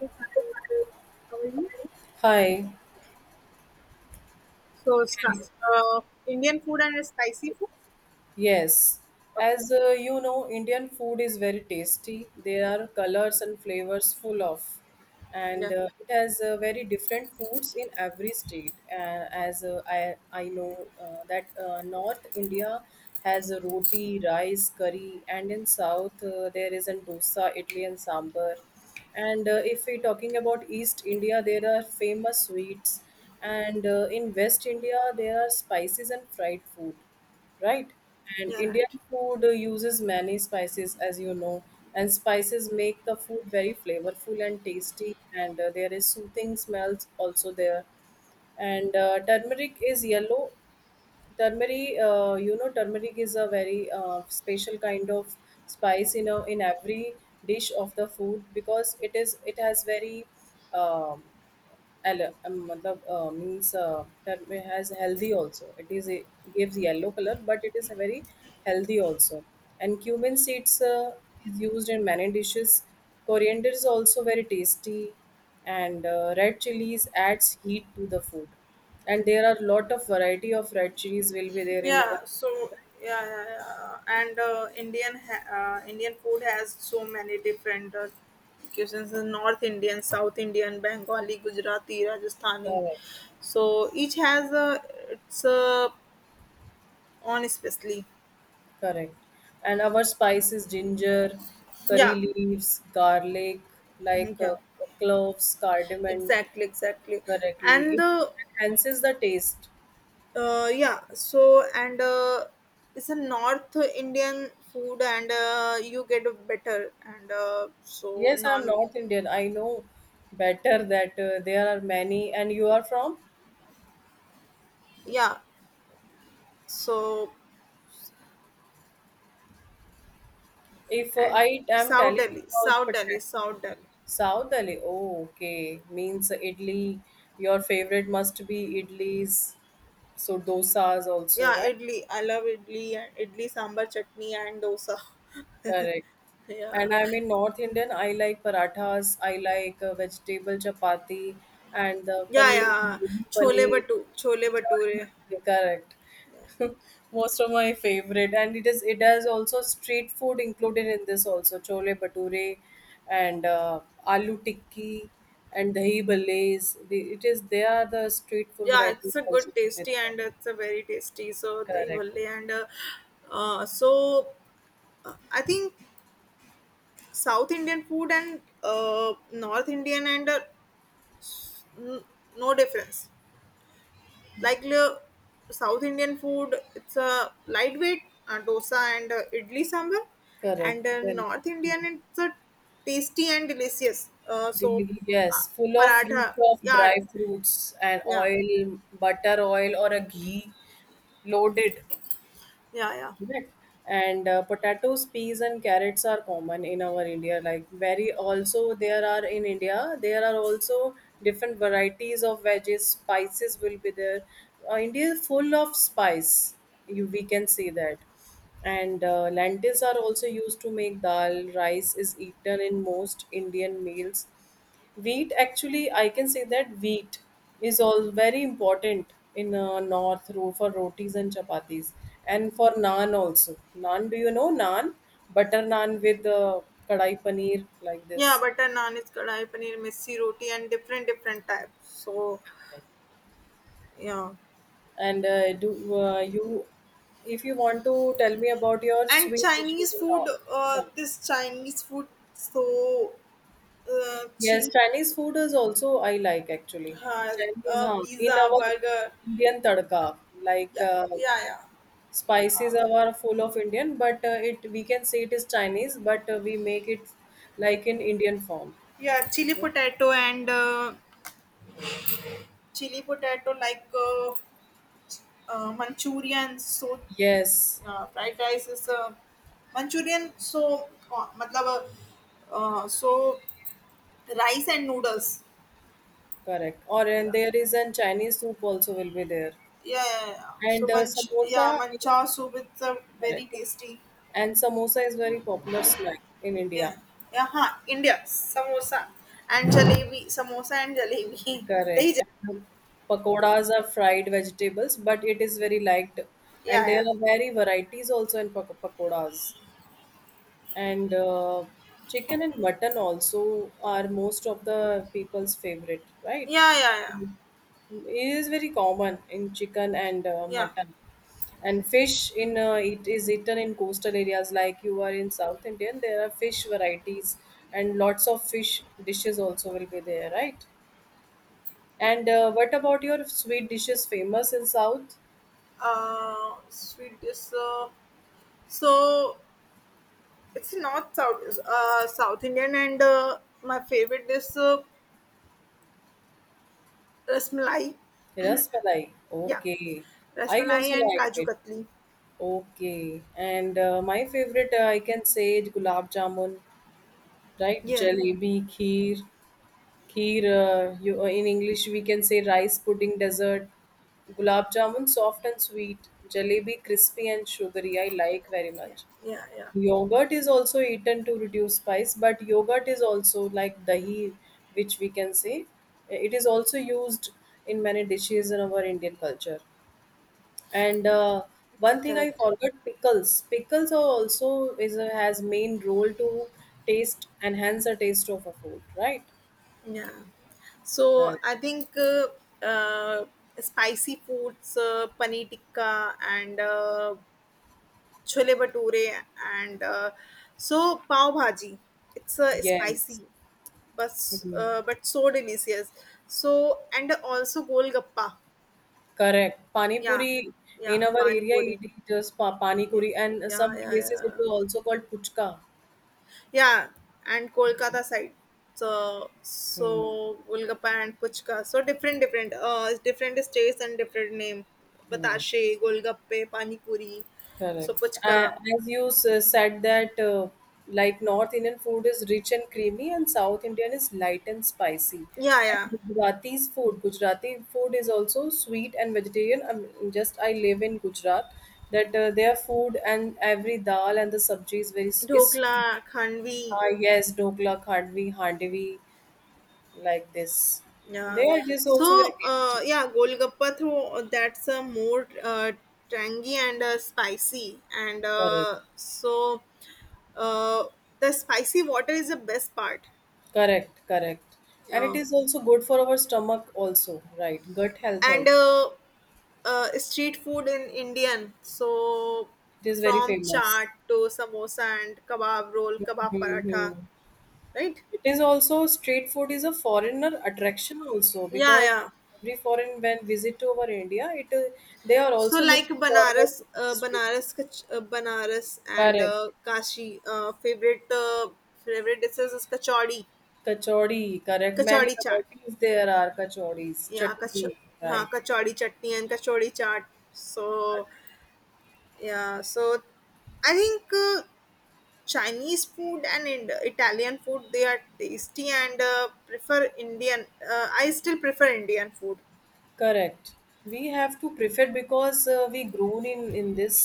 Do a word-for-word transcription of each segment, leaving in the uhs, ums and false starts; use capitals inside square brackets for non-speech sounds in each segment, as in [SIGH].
Okay. Hi, So start uh, Indian food and spicy food. yes. Okay. As uh, you know, Indian food is very tasty. There are colors and flavors full of, and Yeah, uh, it has uh, very different foods in every state. Uh, as uh, I I know uh, that uh, North India has a roti, rice, curry, and in South uh, there is an dosa, idli, and sambar. And uh, If we're talking about East India, there are famous sweets. And uh, In West India, there are spices and fried food, right? And yeah, right. Indian food uh, uses many spices, as you know. And spices make the food very flavorful and tasty. And uh, There is soothing smells also there. And uh, turmeric is yellow turmeric uh, you know turmeric is a very uh, special kind of spice in a, in every dish of the food, because it is it has very um, al- um, matlab, uh, means uh, that may has healthy also, it is a, gives yellow color, but it is a very healthy also. And cumin seeds uh, is used in many dishes. Coriander is also very tasty. And uh, red chilies adds heat to the food, and there are lot of variety of red chilies will be there in our. Yeah, so, yeah, yeah, yeah, and uh, Indian ha- uh, Indian food has so many different uh, cuisines: the North Indian, South Indian, Bengali, Gujarati, Rajasthani. Correct, So each has uh, its uh, own especially. correct. And our spices: ginger, curry Yeah, leaves, garlic, yeah, like yeah. uh, cloves, cardamom. Exactly, exactly. Correctly And it the enhances the taste. Uh, yeah. So and uh, It's a North Indian food, and uh, you get a better, and uh, so Yes, I am non. North Indian, I know better that uh, there are many, and you are from. Yeah. So If uh, and I am South telling Delhi, about South Delhi, patat, South Delhi. South Delhi, oh, okay. Means idli, your favorite must be idlis, so dosas also, Yeah, right? idli. I love idli and idli sambar chutney and dosa. Correct. [LAUGHS] And Yeah. I mean, North Indian, I like parathas, I like uh, vegetable chapati, and the Yeah, paneer, yeah. baby Chole paneer. batu, chole Chaat, bature. bhature, correct. [LAUGHS] Most of my favorite, and it is it has also street food included in this, also chole bhature, and uh, aloo tikki, and dahi bhallais. The, it is they are the street food Yeah, varieties it's a good also with tasty there. and it's a very tasty, so the Correct. ivalle and uh, uh, so uh, I think south indian food and uh, north indian and uh, n- no difference, like uh, south indian food it's a lightweight, uh, dosa and uh, idli sambar, and Correct. uh, Well. north Hmm. indian it's a tasty and delicious. uh, so Daily, uh, yes, full of rich Paratha, of yeah, dry fruits and yeah, oil, butter oil or a ghee loaded, yeah, yeah. right? And uh, Potatoes, peas, and carrots are common in our India. Like, very also there are, in India there are also different varieties of veggies. Spices will be there. Uh, India is full of spice. You we can see that. And uh, Lentils are also used to make dal. Rice is eaten in most Indian meals. Wheat, actually, I can say that wheat is all very important in uh, north ro- for rotis and chapatis, and for naan also. Naan, do you know naan? Butter naan with uh, kadai paneer, like this. Yeah, butter naan is kadai paneer, missi roti, and different different types. So yeah, And uh, do uh, you, if you want to tell me about your and sweet dishes Chinese and food. all, Uh, some. This Chinese food. So uh, Yes, chili Chinese food is also I like actually. has Chinese, uh, huh? In pizza, our burger. Indian tadka, like Yeah, uh, yeah, yeah. spices are full of Indian, but uh, it, we can say it is Chinese, but uh, we make it like in Indian form. Yeah, chili potato and uh, chili potato, like uh, uh, Manchurian. So Yes, uh, fried rice is uh, Manchurian. So uh, मतलब, uh, so rice and noodles. correct. Or, and Yeah. there is an Chinese soup also will be there. Yeah, yeah, yeah. So and uh, manch, yeah, samosa is- mancha soup is a very Correct, tasty. and samosa is very popular snack in India. Yeah, yeah, huh. India samosa and So- jalebi, samosa and jalebi. [LAUGHS] Correct, Dahi and the jalebi. pakodas are fried vegetables, but it is very liked, and Yeah, there yeah, are very varieties also in pak- pakodas, and uh, chicken and mutton also are most of the people's favorite, right? yeah, yeah, yeah, It is very common in chicken and uh, yeah. mutton, and fish in uh, it is eaten in coastal areas. Like, you are in South Indian, there are fish varieties and lots of fish dishes also will be there, right? And uh, what about your sweet dishes famous in south? Uh, sweet is uh, so it's not South, uh, South Indian, and uh, my favorite is uh, rasmalai. Rasmalai, Yeah, okay. I rasmalai also and like kaju it. katli. Okay, and uh, my favorite, uh, I can say, is gulab jamun, right? Yeah, Jalebi, kheer, kheer. Uh, you uh, in English we can say rice pudding dessert. Gulab jamun, soft and sweet. Jalebi, crispy and sugary. I like very yeah, much. yeah, yeah, Yogurt is also eaten to reduce spice, but yogurt is also like dahi, which we can say it is also used in many dishes in our Indian culture. And yeah. uh, It's One thing I correct. forgot: pickles. Pickles are also is a, has main role to taste, enhance the taste of a food, right? Yeah. So Correct. I think uh, uh, spicy foods, uh, paneer tikka and uh, chole bhature and uh, so pav bhaji. It's uh, Yes. spicy, but Mhm. uh, but so delicious. So and also golgappa. Correct. Pani Yeah, puri. yeah, In our pani area it puri. is just pa- pani Yeah, puri, and yeah, some yeah, places it yeah. is also called puchka. Yeah, and Kolkata side. So Hmm. so Golgappa and Puchka. So different different, uh, different states and different name. Hmm. Batashe, Golgappe, Pani Puri, so Correct. Uh, Puchka. as you s- said that uh, like North Indian food is rich and creamy, and South Indian is light and spicy. Yeah, And yeah. Gujarati's food, Gujarati food is also sweet and vegetarian. I'm just I live in Gujarat, that uh, their food and every dal and the sabji is very s- is Dhokla, sweet. Khandvi. Ah, yes, dokla, khandvi, handivi, like this. Yeah. They are just So also very tasty. uh, yeah, Golgappa through that's a more uh tangy and uh, spicy, and Correct. uh so uh the spicy water is the best part. Correct, correct. And it Yeah. is also good for our stomach also, right? Gut health and also. Uh, uh, street food in Indian. So It is very from famous. chaat to samosa and kebab roll, kebab paratha, Hmm. right? It is also, street food is a foreigner attraction also, Yeah, because yeah. every foreign when visit to our India, it uh, they are So also like looking forward to Banaras, uh, street food. Banaras, kach- uh, Banaras and Correct. uh, Kashi. Uh, favorite uh, favorite dishes is kachori, Kachori, correct. Many kachori chaat. varieties there are kachoris, Yeah, kach- chutney, Yeah, right. kachori chutney and kachori chaat. So yeah, so I think uh, Chinese food and Ind- Italian food, they are tasty, and uh, prefer Indian. Uh, I still prefer Indian food. Correct. We have to prefer because uh, we grown in in this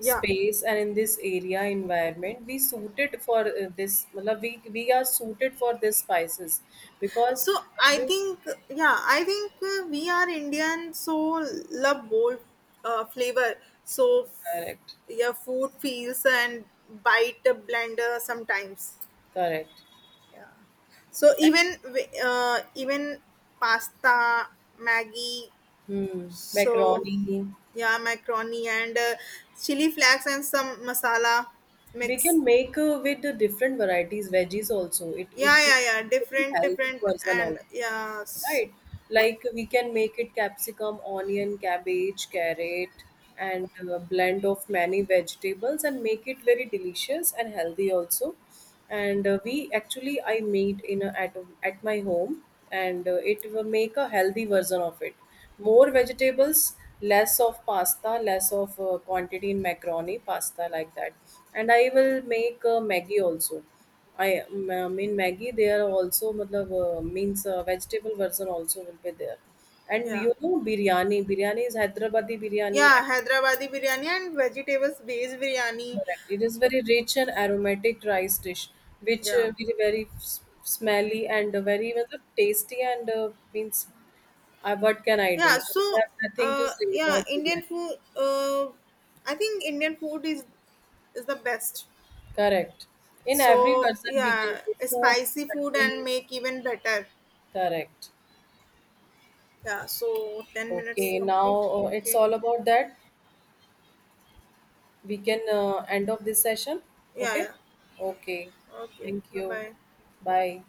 Yeah. space and in this area environment. We suited for uh, this. Matlab, We we are suited for this spices, because So I every think, yeah, I think uh, we are Indian, so love bold uh, flavor. So f- correct, yeah, food feels and bite a blender sometimes. correct. Yeah. So even wi- uh, even pasta, Maggie. Hmm, So macaroni. yeah, macaroni and uh, chili flakes and some masala We mix. can make uh, with the different varieties veggies also. It Yeah, it could yeah, yeah. be Different, healthy different, person and also, yeah, s- right? Like, we can make it capsicum, onion, cabbage, carrot, and a blend of many vegetables, and make it very delicious and healthy also. And uh, we actually I made in a, at at my home, and uh, it will make a healthy version of it. More vegetables, less of pasta, less of uh, quantity in macaroni, pasta like that. And I will make uh, Maggie also. I ma- mean Maggie. They are also matlab, uh, means uh, vegetable version also will be there. And yeah, you know biryani. Biryani is Hyderabadi biryani, yeah. and Hyderabadi biryani and vegetables based biryani. correct. It is very rich and aromatic rice dish, which Yeah, uh, very very s- smelly and uh, very matlab, tasty, and uh, means uh, what can I yeah. do? I So, have nothing to uh, say yeah, about Indian biryani. food. Uh, I think Indian food is is the best. Correct. In every So version we can yeah, do soup, spicy food chutney. and make even better. Correct. Yeah. So ten minutes Okay, now complete. uh, it's Okay. all about that. We can uh, end of this session. Yeah, Okay. yeah, Okay. yeah. Okay. Thank Bye you. bye. Bye.